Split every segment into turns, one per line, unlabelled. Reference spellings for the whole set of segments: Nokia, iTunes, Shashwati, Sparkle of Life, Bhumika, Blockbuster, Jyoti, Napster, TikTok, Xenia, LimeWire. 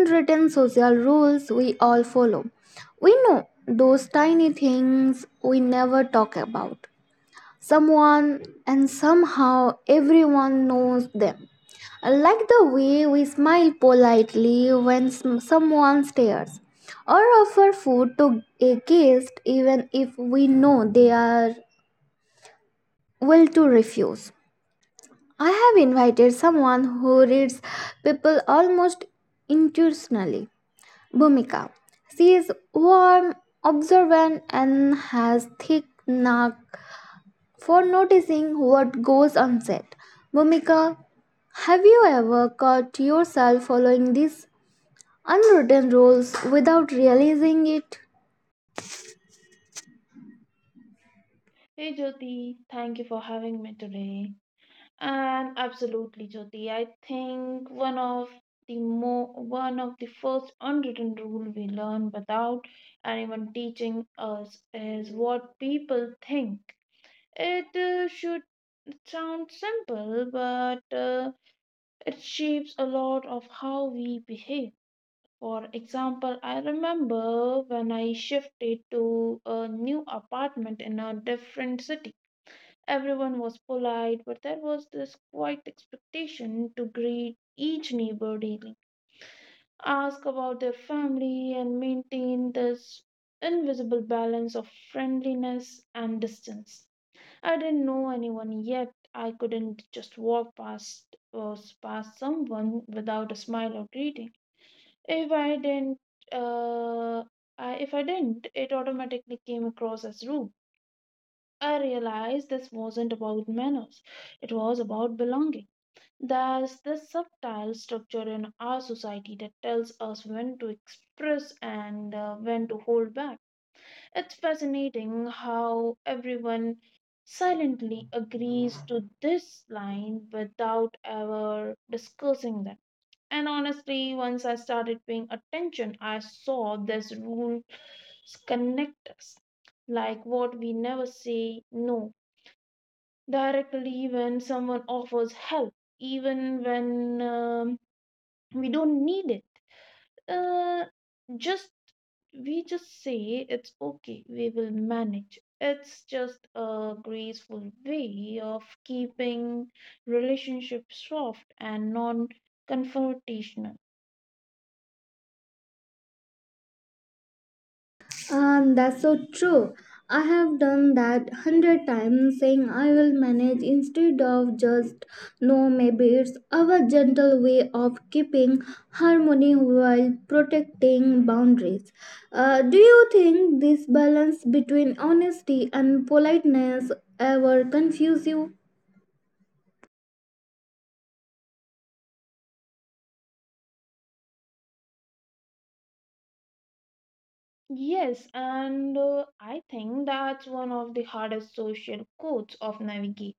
unwritten social rules we all follow. We know those tiny things we never talk about. Someone and somehow everyone knows them. I like the way we smile politely when someone stares, or offer food to a guest even if we know they are will to refuse. I have invited someone who reads people almost intuitionally, Bhumika. She is warm, observant, and has thick knack for noticing what goes unsaid. Bhumika, have you ever caught yourself following these unwritten rules without realizing it?
Hey Jyoti, thank you for having me today. And absolutely, Jyoti, I think one of the first unwritten rule we learn without anyone teaching us is what people think. It should sound simple, but it shapes a lot of how we behave. For example, I remember when I shifted to a new apartment in a different city. Everyone was polite, but there was this quiet expectation to greet each neighbor daily, ask about their family, and maintain this invisible balance of friendliness and distance. I didn't know anyone yet. I couldn't just walk past or past someone without a smile or greeting. If I didn't, uh, it automatically came across as rude. I realized this wasn't about manners, it was about belonging. There's this subtle structure in our society that tells us when to express and when to hold back. It's fascinating how everyone silently agrees to this line without ever discussing them. And honestly, once I started paying attention, I saw this rule connect us like what we never say no directly when someone offers help, even when we don't need it. Uh, just we just say it's okay, we will manage. It's just a graceful way of keeping relationships soft and non confrontational.
And that's so true. I have done that 100 times, saying I will manage instead of just no, maybe it's our gentle way of keeping harmony while protecting boundaries. Do you think this balance between honesty and politeness ever confuse you?
Yes, and I think that's one of the hardest social codes of navigate.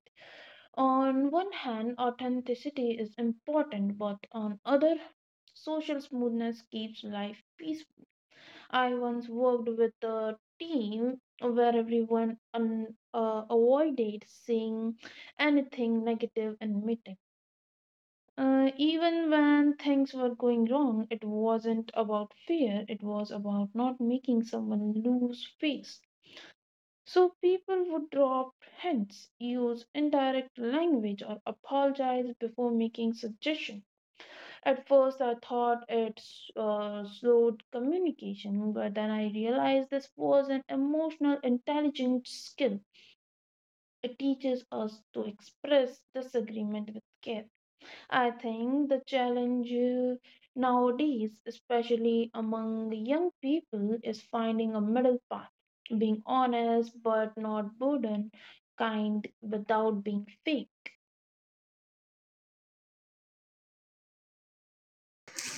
On one hand, authenticity is important, but on other, social smoothness keeps life peaceful. I once worked with a team where everyone avoided saying anything negative in meeting. Even when things were going wrong, it wasn't about fear, it was about not making someone lose face. So people would drop hints, use indirect language, or apologize before making suggestions. At first, I thought it slowed communication, but then I realized this was an emotional intelligence skill. It teaches us to express disagreement with care. I think the challenge nowadays, especially among young people, is finding a middle path, being honest but not burden, kind without being fake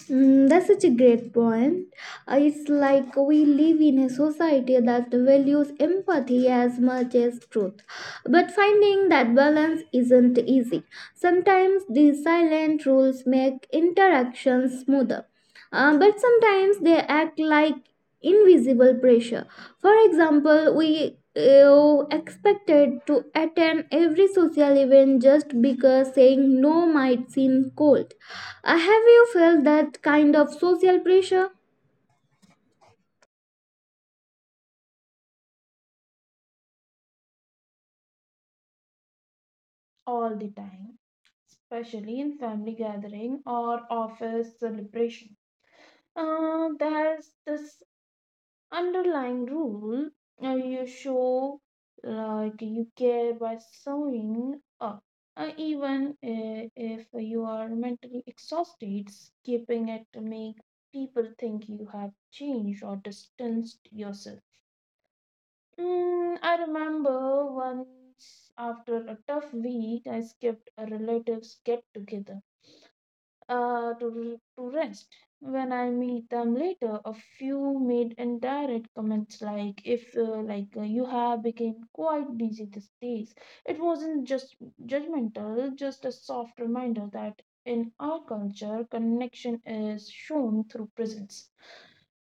Mm, that's such a great point. It's like we live in a society that values empathy as much as truth. But finding that balance isn't easy. Sometimes these silent rules make interactions smoother, but sometimes they act like invisible pressure. For example, we expected to attend every social event just because saying no might seem cold. Have you felt that kind of social pressure?
all the time, especially in family gathering or office celebration. There's this underlying rule, you show like you care by showing up. Even uh, if you are mentally exhausted, skipping it to make people think you have changed or distanced yourself. I remember once after a tough week, I skipped a relative's get together to rest. When I meet them later, a few made indirect comments like, "If like you have become quite busy these days." It wasn't just judgmental, just a soft reminder that in our culture, connection is shown through presence.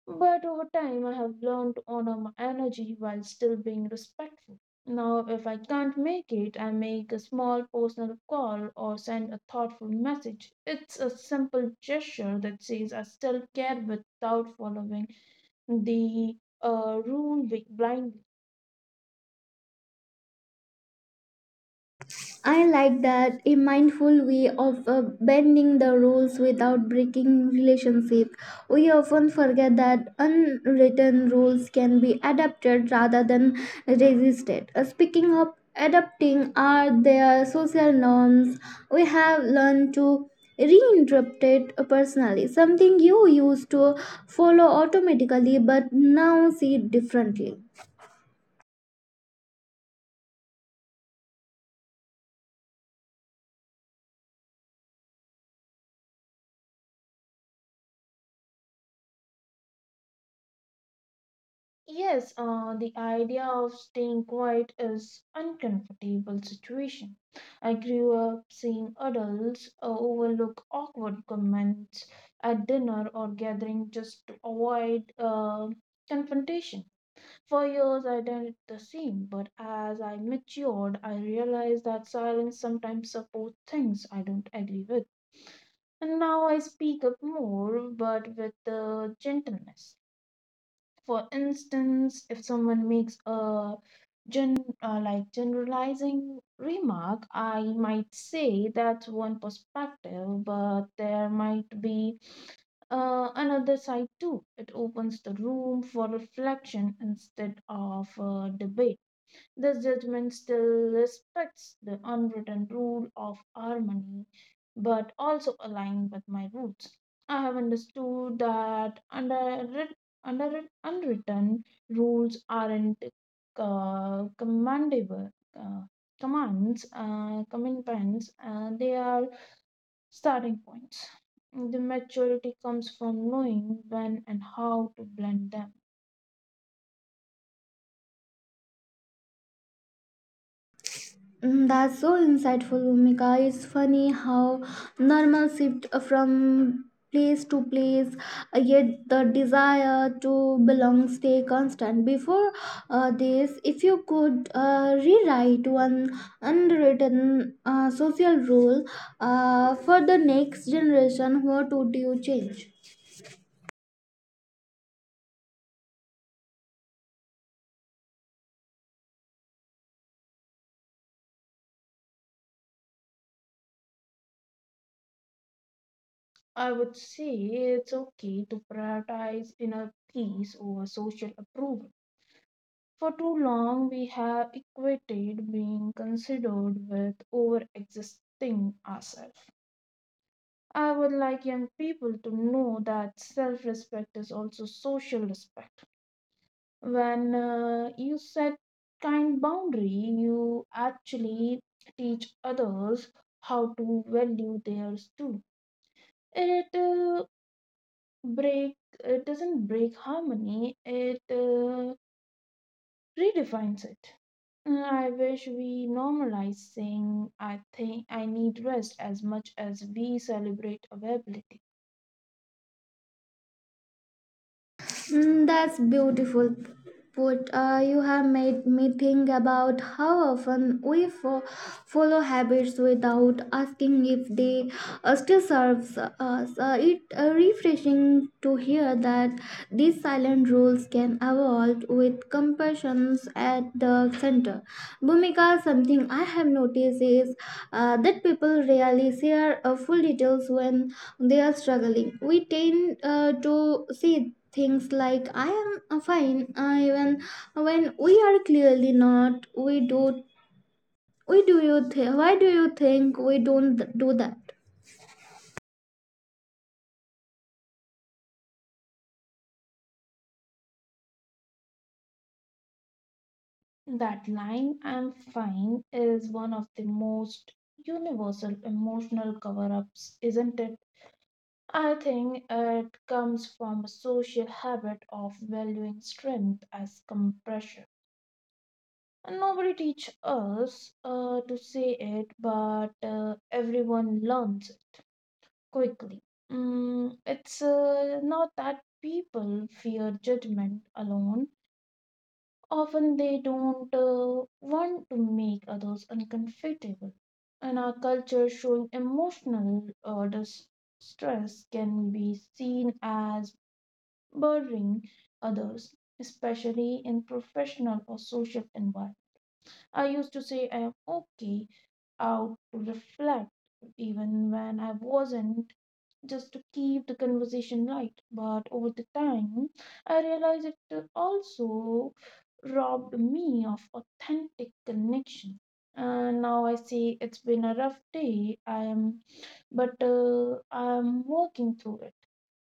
But over time, I have learned to honor my energy while still being respectful. Now, if I can't make it, I make a small personal call or send a thoughtful message. It's a simple gesture that says I still care without following the rule blindly.
I like that, a mindful way of bending the rules without breaking relationship. We often forget that unwritten rules can be adapted rather than resisted. Speaking of adapting, are there social norms we have learned to reinterpret it personally? Something you used to follow automatically but now see differently.
Yes, the idea of staying quiet is uncomfortable situation. I grew up seeing adults overlook awkward comments at dinner or gathering just to avoid confrontation. For years, I did the same, but as I matured, I realized that silence sometimes supports things I don't agree with. And now I speak up more, but with gentleness. For instance, if someone makes a generalizing remark, I might say that's one perspective, but there might be another side too. It opens the room for reflection instead of debate. This judgment still respects the unwritten rule of harmony, but also aligns with my roots. I have understood that under, writ- under unwritten rules aren't commandable uh, commands, commitments, they are starting points. The maturity comes from knowing when and how to blend them.
Mm, that's so insightful, Bhumika. It's funny how normal shift from place to place, yet the desire to belong stay constant. Before this, if you could rewrite one unwritten social rule for the next generation, what would you change?
I would say it's okay to prioritize inner peace over social approval. For too long, we have equated being considered with over existing ourselves. I would like young people to know that self respect is also social respect. When you set kind boundary, you actually teach others how to value theirs too. It uh, break it doesn't break harmony, it redefines it. I wish we normalize saying I think I need rest as much as we celebrate availability.
Mm, that's beautiful put. You have made me think about how often we follow habits without asking if they still serves us. It refreshing to hear that these silent rules can evolve with compassion at the center. Bhumika, something I have noticed is that people rarely share full details when they are struggling. We tend to say things like "I am fine," even when we are clearly not. We do. We do you think? Why do you think we don't do that?
That line I'm fine is one of the most universal emotional cover-ups, isn't it? I think it comes from a social habit of valuing strength as compression. Nobody teach us to say it, but everyone learns quickly. It's not that people fear judgment alone. Often they don't want to make others uncomfortable. In our culture, showing emotional distress can be seen as burdening others, especially in professional or social environments. I used to say I am okay out to reflect, even when I wasn't, just to keep the conversation light. But over the time, I realized it also robbed me of authentic connection. And now I say it's been a rough day. I am working through it.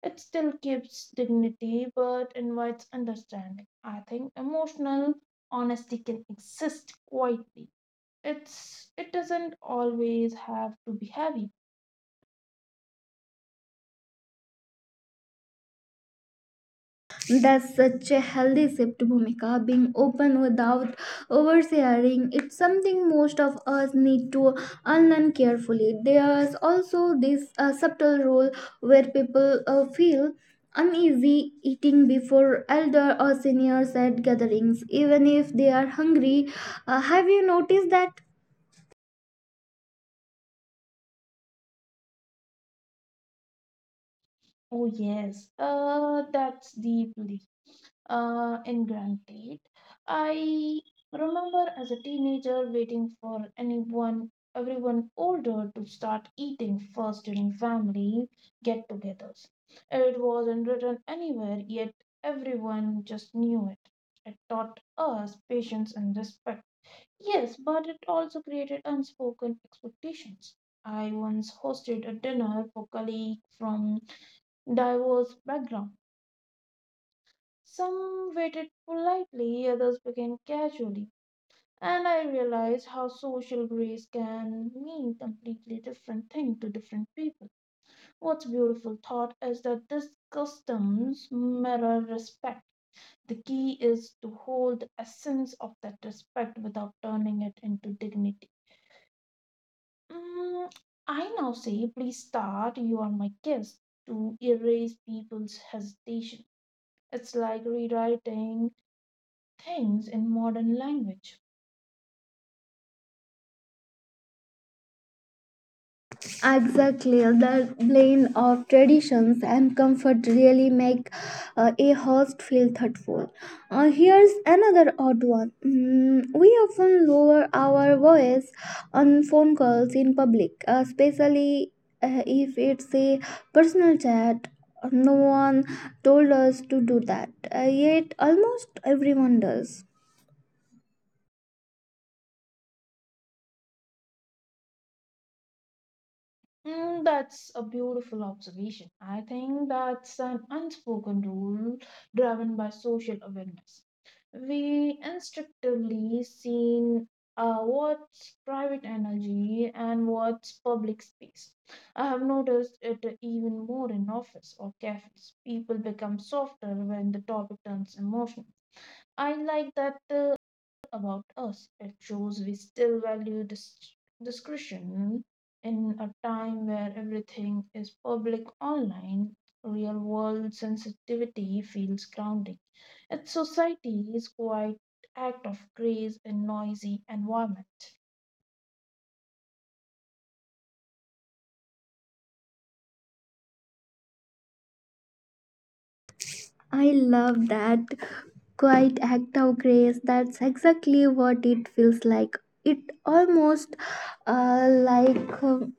It still keeps dignity but invites understanding. I think emotional honesty can exist quietly. It doesn't always have to be heavy.
Does such a healthy shift, Bhumika, being open without oversharing, it's something most of us need to unlearn carefully. There's also this subtle role where people feel uneasy eating before elder or seniors at gatherings, even if they are hungry. Have you noticed that?
Oh yes, that's deeply ingrained. I remember as a teenager waiting for everyone older to start eating first during family get-togethers. It wasn't written anywhere, yet everyone just knew it. It taught us patience and respect. Yes, but it also created unspoken expectations. I once hosted a dinner for colleagues from diverse background. Some waited politely, others began casually, and I realized how social grace can mean completely different thing to different people. What's beautiful thought is that these customs mirror respect. The key is to hold the essence of that respect without turning it into dignity. Mm, I now say, please start, you are my guest, to erase people's hesitation. It's like rewriting things in modern language.
Exactly, the blend of traditions and comfort really make a host feel thoughtful. Here's another odd one. We often lower our voice on phone calls in public, especially if it's a personal chat. No one told us to do that, yet almost everyone does.
That's a beautiful observation. I think that's an unspoken rule driven by social awareness. We instinctively seen what's private energy and what's public space. I have noticed it even more in office or cafes. People become softer when the topic turns emotional. I like that about us. It shows we still value discretion in a time where everything is public online. Real world sensitivity feels grounding. It's society's quite act of grace in noisy environment.
I love that quiet act of grace. That's exactly what it feels like. It almost like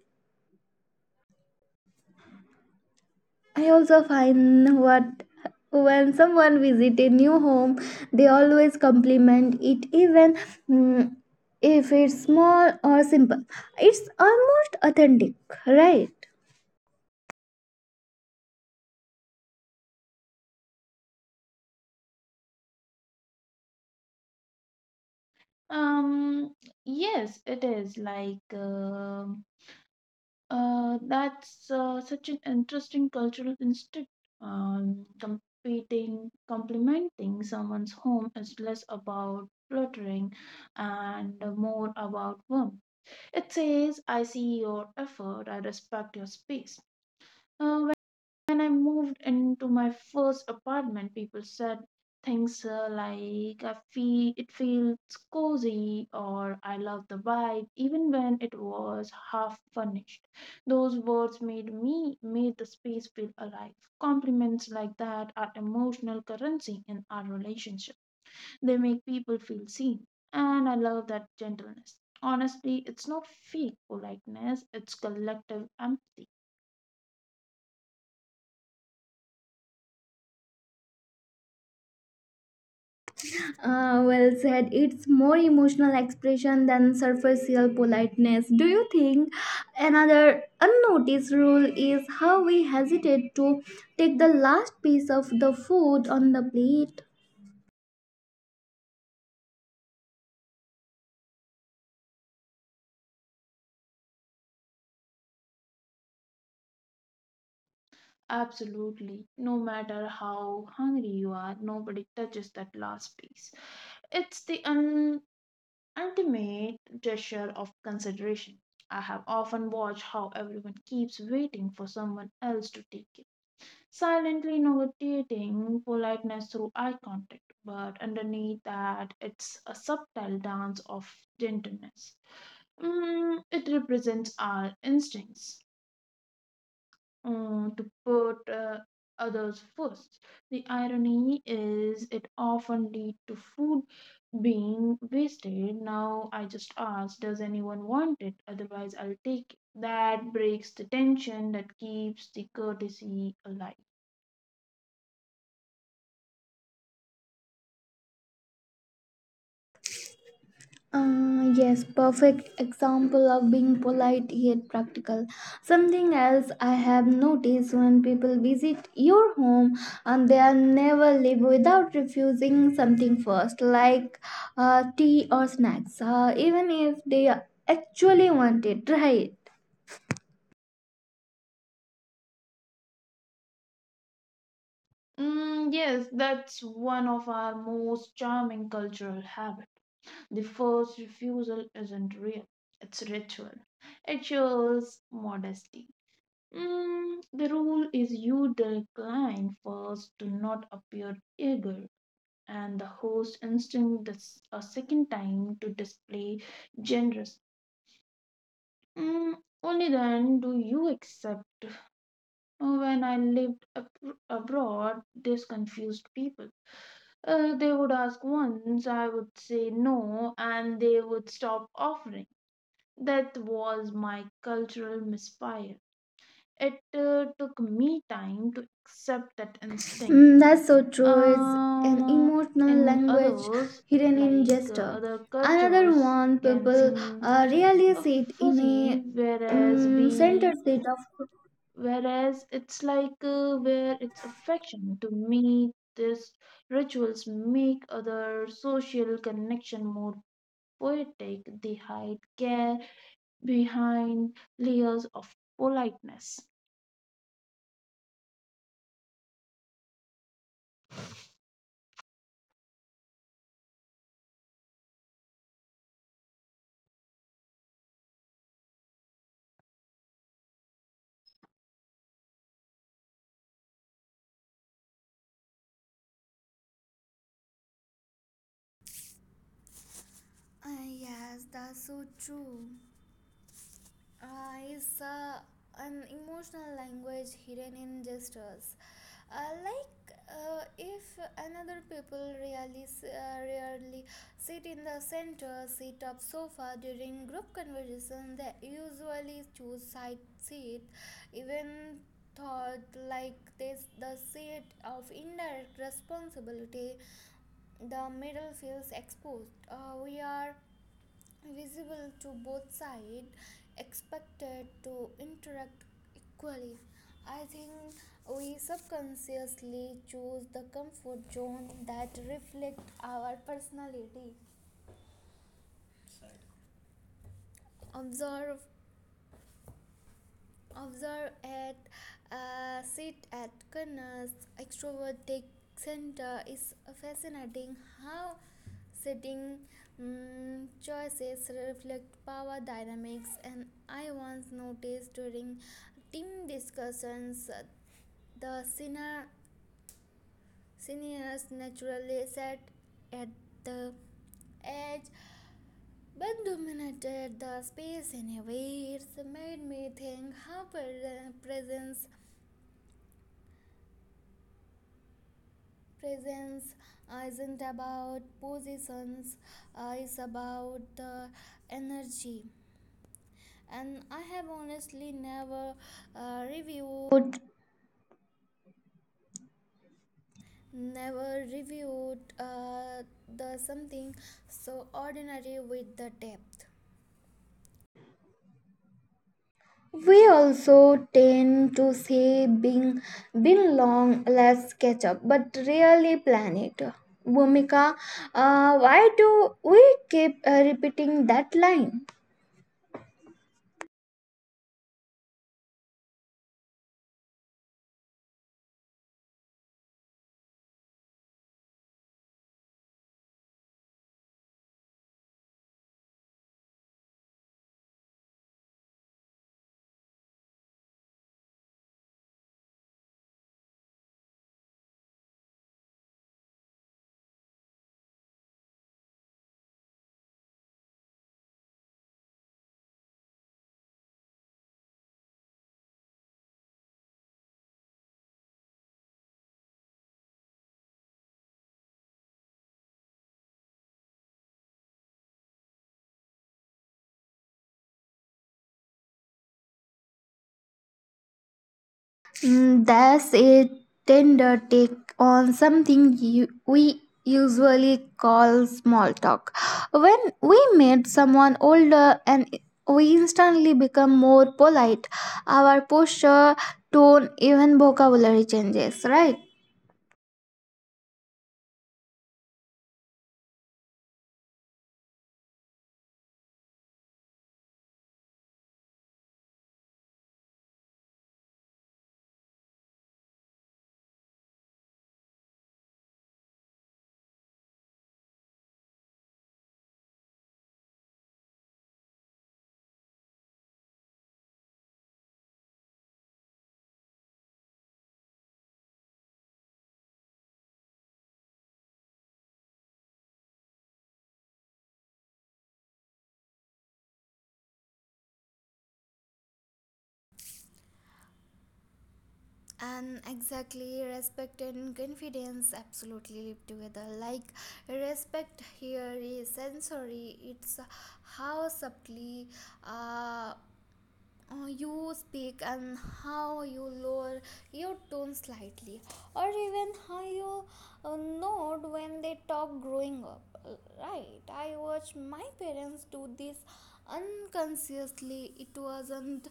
I also find what when someone visits a new home, they always compliment it, even mm, if it's small or simple. It's almost authentic, right?
Um, yes, it is like. That's such an interesting cultural instinct. Complimenting someone's home is less about fluttering and more about warmth. It says, I see your effort, I respect your space. When I moved into my first apartment, people said things like I feel it feels cozy or I love the vibe, even when it was half furnished. Those words made the space feel alive. Compliments like that are emotional currency in our relationship. They make people feel seen, and I love that gentleness. Honestly, it's not fake politeness, it's collective empathy.
Well said. It's more emotional expression than superficial politeness. Do you think another unnoticed rule is how we hesitate to take the last piece of the food on the plate?
Absolutely. No matter how hungry you are, nobody touches that last piece. It's the ultimate gesture of consideration. I have often watched how everyone keeps waiting for someone else to take it, silently negotiating politeness through eye contact. But underneath that, it's a subtle dance of gentleness. It represents our instincts to put others first. The irony is it often lead to food being wasted. Now I just ask, does anyone want it? Otherwise, I'll take it. That breaks the tension that keeps the courtesy alive.
Yes, perfect example of being polite yet practical. Something else I have noticed when people visit your home and they are never leave without refusing something first, like tea or snacks, even if they actually want it, right?
Yes, that's one of our most charming cultural habits. The first refusal isn't real, it's ritual. It shows modesty. The rule is you decline first, do not appear eager, and the host instinct this a second time to display generous. Mm, Only then do you accept. When I lived abroad, this confused people. They would ask once, I would say no, and they would stop offering. That was my cultural misfire. It took me time to accept that instinct
Mm, that's so true. It's an
Uh,
emotional
in
language
others,
hidden in
like
gesture.
other
Another
cultures,
one,
can
people
seem
really
uh,
sit in
fuzzy,
a center state of
whereas it's like where it's affection to me. These rituals make other social connection more poetic. They hide care behind layers of politeness.
Yes, that's so true. Is an emotional language hidden in gestures. Like if another people really rarely sit in the center seat of sofa during group conversation, they usually choose side seat, even thought like this the seat of indirect responsibility, the middle feels exposed. We are visible to both sides expected to interact equally. I think we subconsciously choose the comfort zone that reflects our personality, observe Observe at sit at corners. Extrovert take center. Is fascinating how setting choices reflect power dynamics. And I once noticed during team discussions, the seniors naturally sat at the edge but dominated the space in a way. It's made me think how presence presence isn't about positions, it's about the energy. And I have honestly never reviewed never reviewed uh, the something so ordinary with the depth. We also tend to say, being been long, let's catch up, but really plan it. Bhumika, why do we keep repeating that line? Mm, that's a tender take on something we usually call small talk. When we meet someone older and we instantly become more polite, our posture, tone, even vocabulary changes, right? And exactly, respect and confidence absolutely live together. Like respect here is sensory. It's how subtly uh, you speak and how you lower your tone slightly, or even how you nod when they talk growing up. Uh, right, I watched my parents do this unconsciously. It wasn't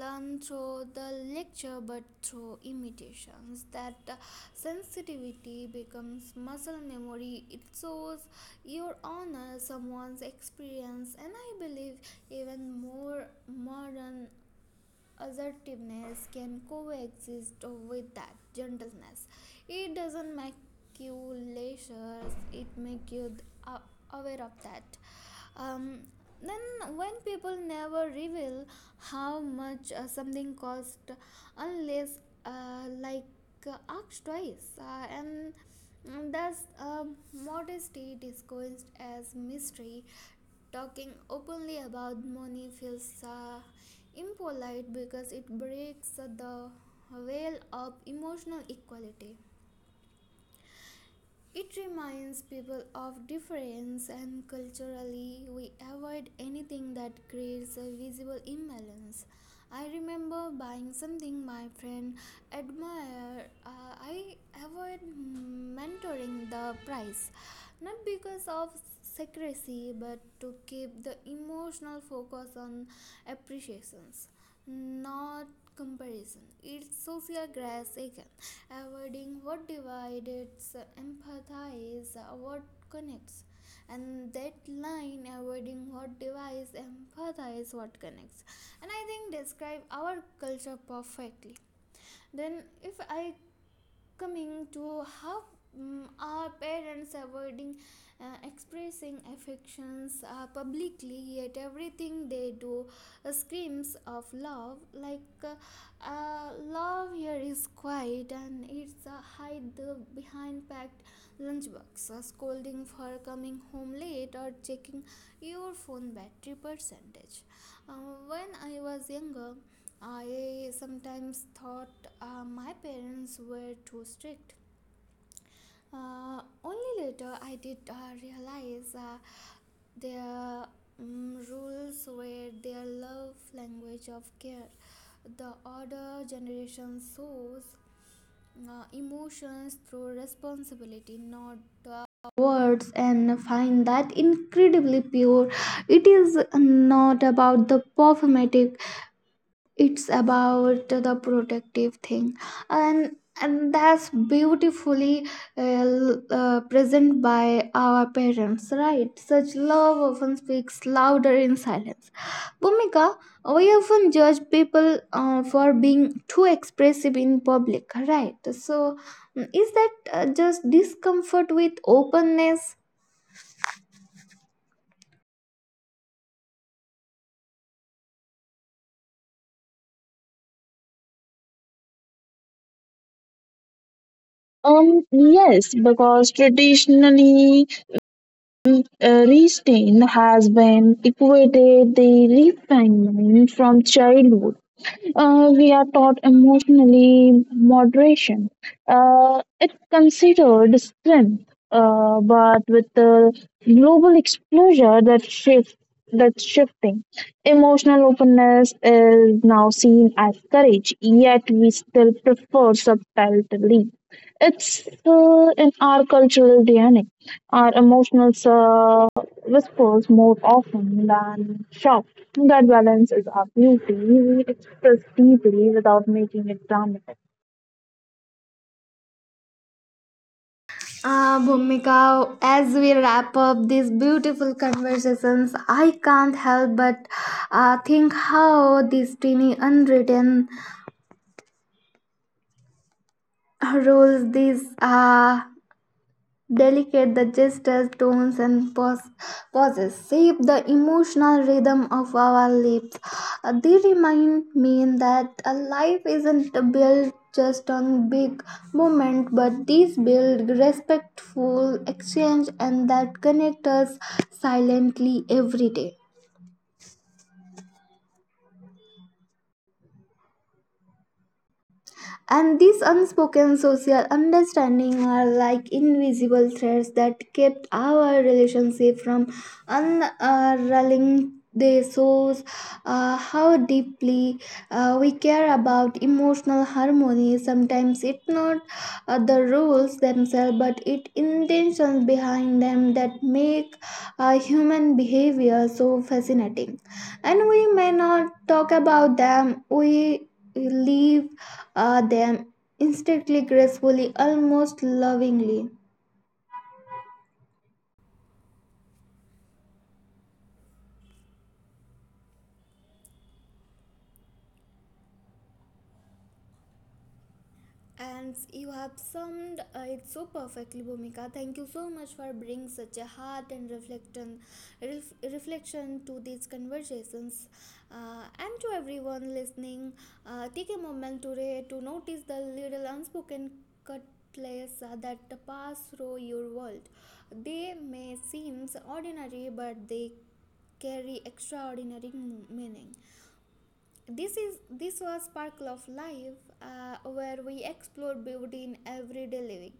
learned through the lecture but through imitations, that sensitivity becomes muscle memory. It shows your honor someone's experience, and I believe even more modern assertiveness can coexist with that gentleness. It doesn't make you leisure, it makes you aware of that. Um, then when people never reveal how much something cost unless like asked twice, and thus modesty disguised as mystery. Talking openly about money feels impolite because it breaks the veil of emotional equality. It reminds people of difference, and culturally, we avoid anything that creates a visible imbalance. I remember buying something my friend admired. I avoid mentoring the price, not because of secrecy, but to keep the emotional focus on appreciations, not comparison. It's social grace again, avoiding what divides, empathize what connects. And that line, avoiding what divides, empathize what connects. And I think describe our culture perfectly. Then, if I coming to how our parents avoiding expressing affections publicly, yet everything they do screams of love. Like uh, love here is quiet and it's hide the behind packed lunchbox, scolding for coming home late, or checking your phone battery percentage. Uh, when I was younger I sometimes thought my parents were too strict. Only later I did realize their rules were their love language of care. The older generation shows emotions through responsibility, not uh, words, and find that incredibly pure. It is not about the performative, it's about the protective thing. And that's beautifully present by our parents, right? Such love often speaks louder in silence. Bhumika, we often judge people for being too expressive in public, right? So is that just discomfort with openness?
Yes, because traditionally, restain has been equated the refinement. From childhood we are taught emotionally moderation. It's considered strength, but with the global exposure that's shifting, emotional openness is now seen as courage. Yet we still prefer subtlety. It's in our cultural DNA. Our emotional whispers more often than shouts. That balance is our beauty. We express deeply without making it dramatic.
Ah, Bhumika, as we wrap up these beautiful conversations, I can't help but think how these tiny unwritten rules, these delicate the gestures, tones, and pauses, shape the emotional rhythm of our lips. They remind me that a life isn't built just on big moments, but these build respectful exchange, and that connect us silently every day. And these unspoken social understanding are like invisible threads that kept our relationship from unraveling. They shows how deeply we care about emotional harmony. Sometimes it's not the rules themselves, but it intentions behind them that make human behavior so fascinating. And we may not talk about them. We leave them instantly, gracefully, almost lovingly. And you have summed it so perfectly, Bhumika. Thank you so much for bringing such a heart and reflection, ref, reflection to these conversations. And to everyone listening, take a moment today to notice the little unspoken cutlass that pass through your world. They may seem ordinary, but they carry extraordinary meaning. This was Sparkle of Life, where we explore beauty in everyday living.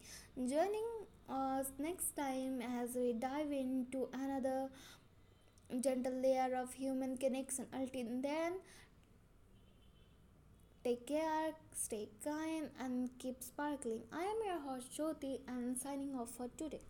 Joining us next time as we dive into another gentle layer of human connection. Until then, take care, stay kind, and keep sparkling. I am your host Jyoti, and signing off for today.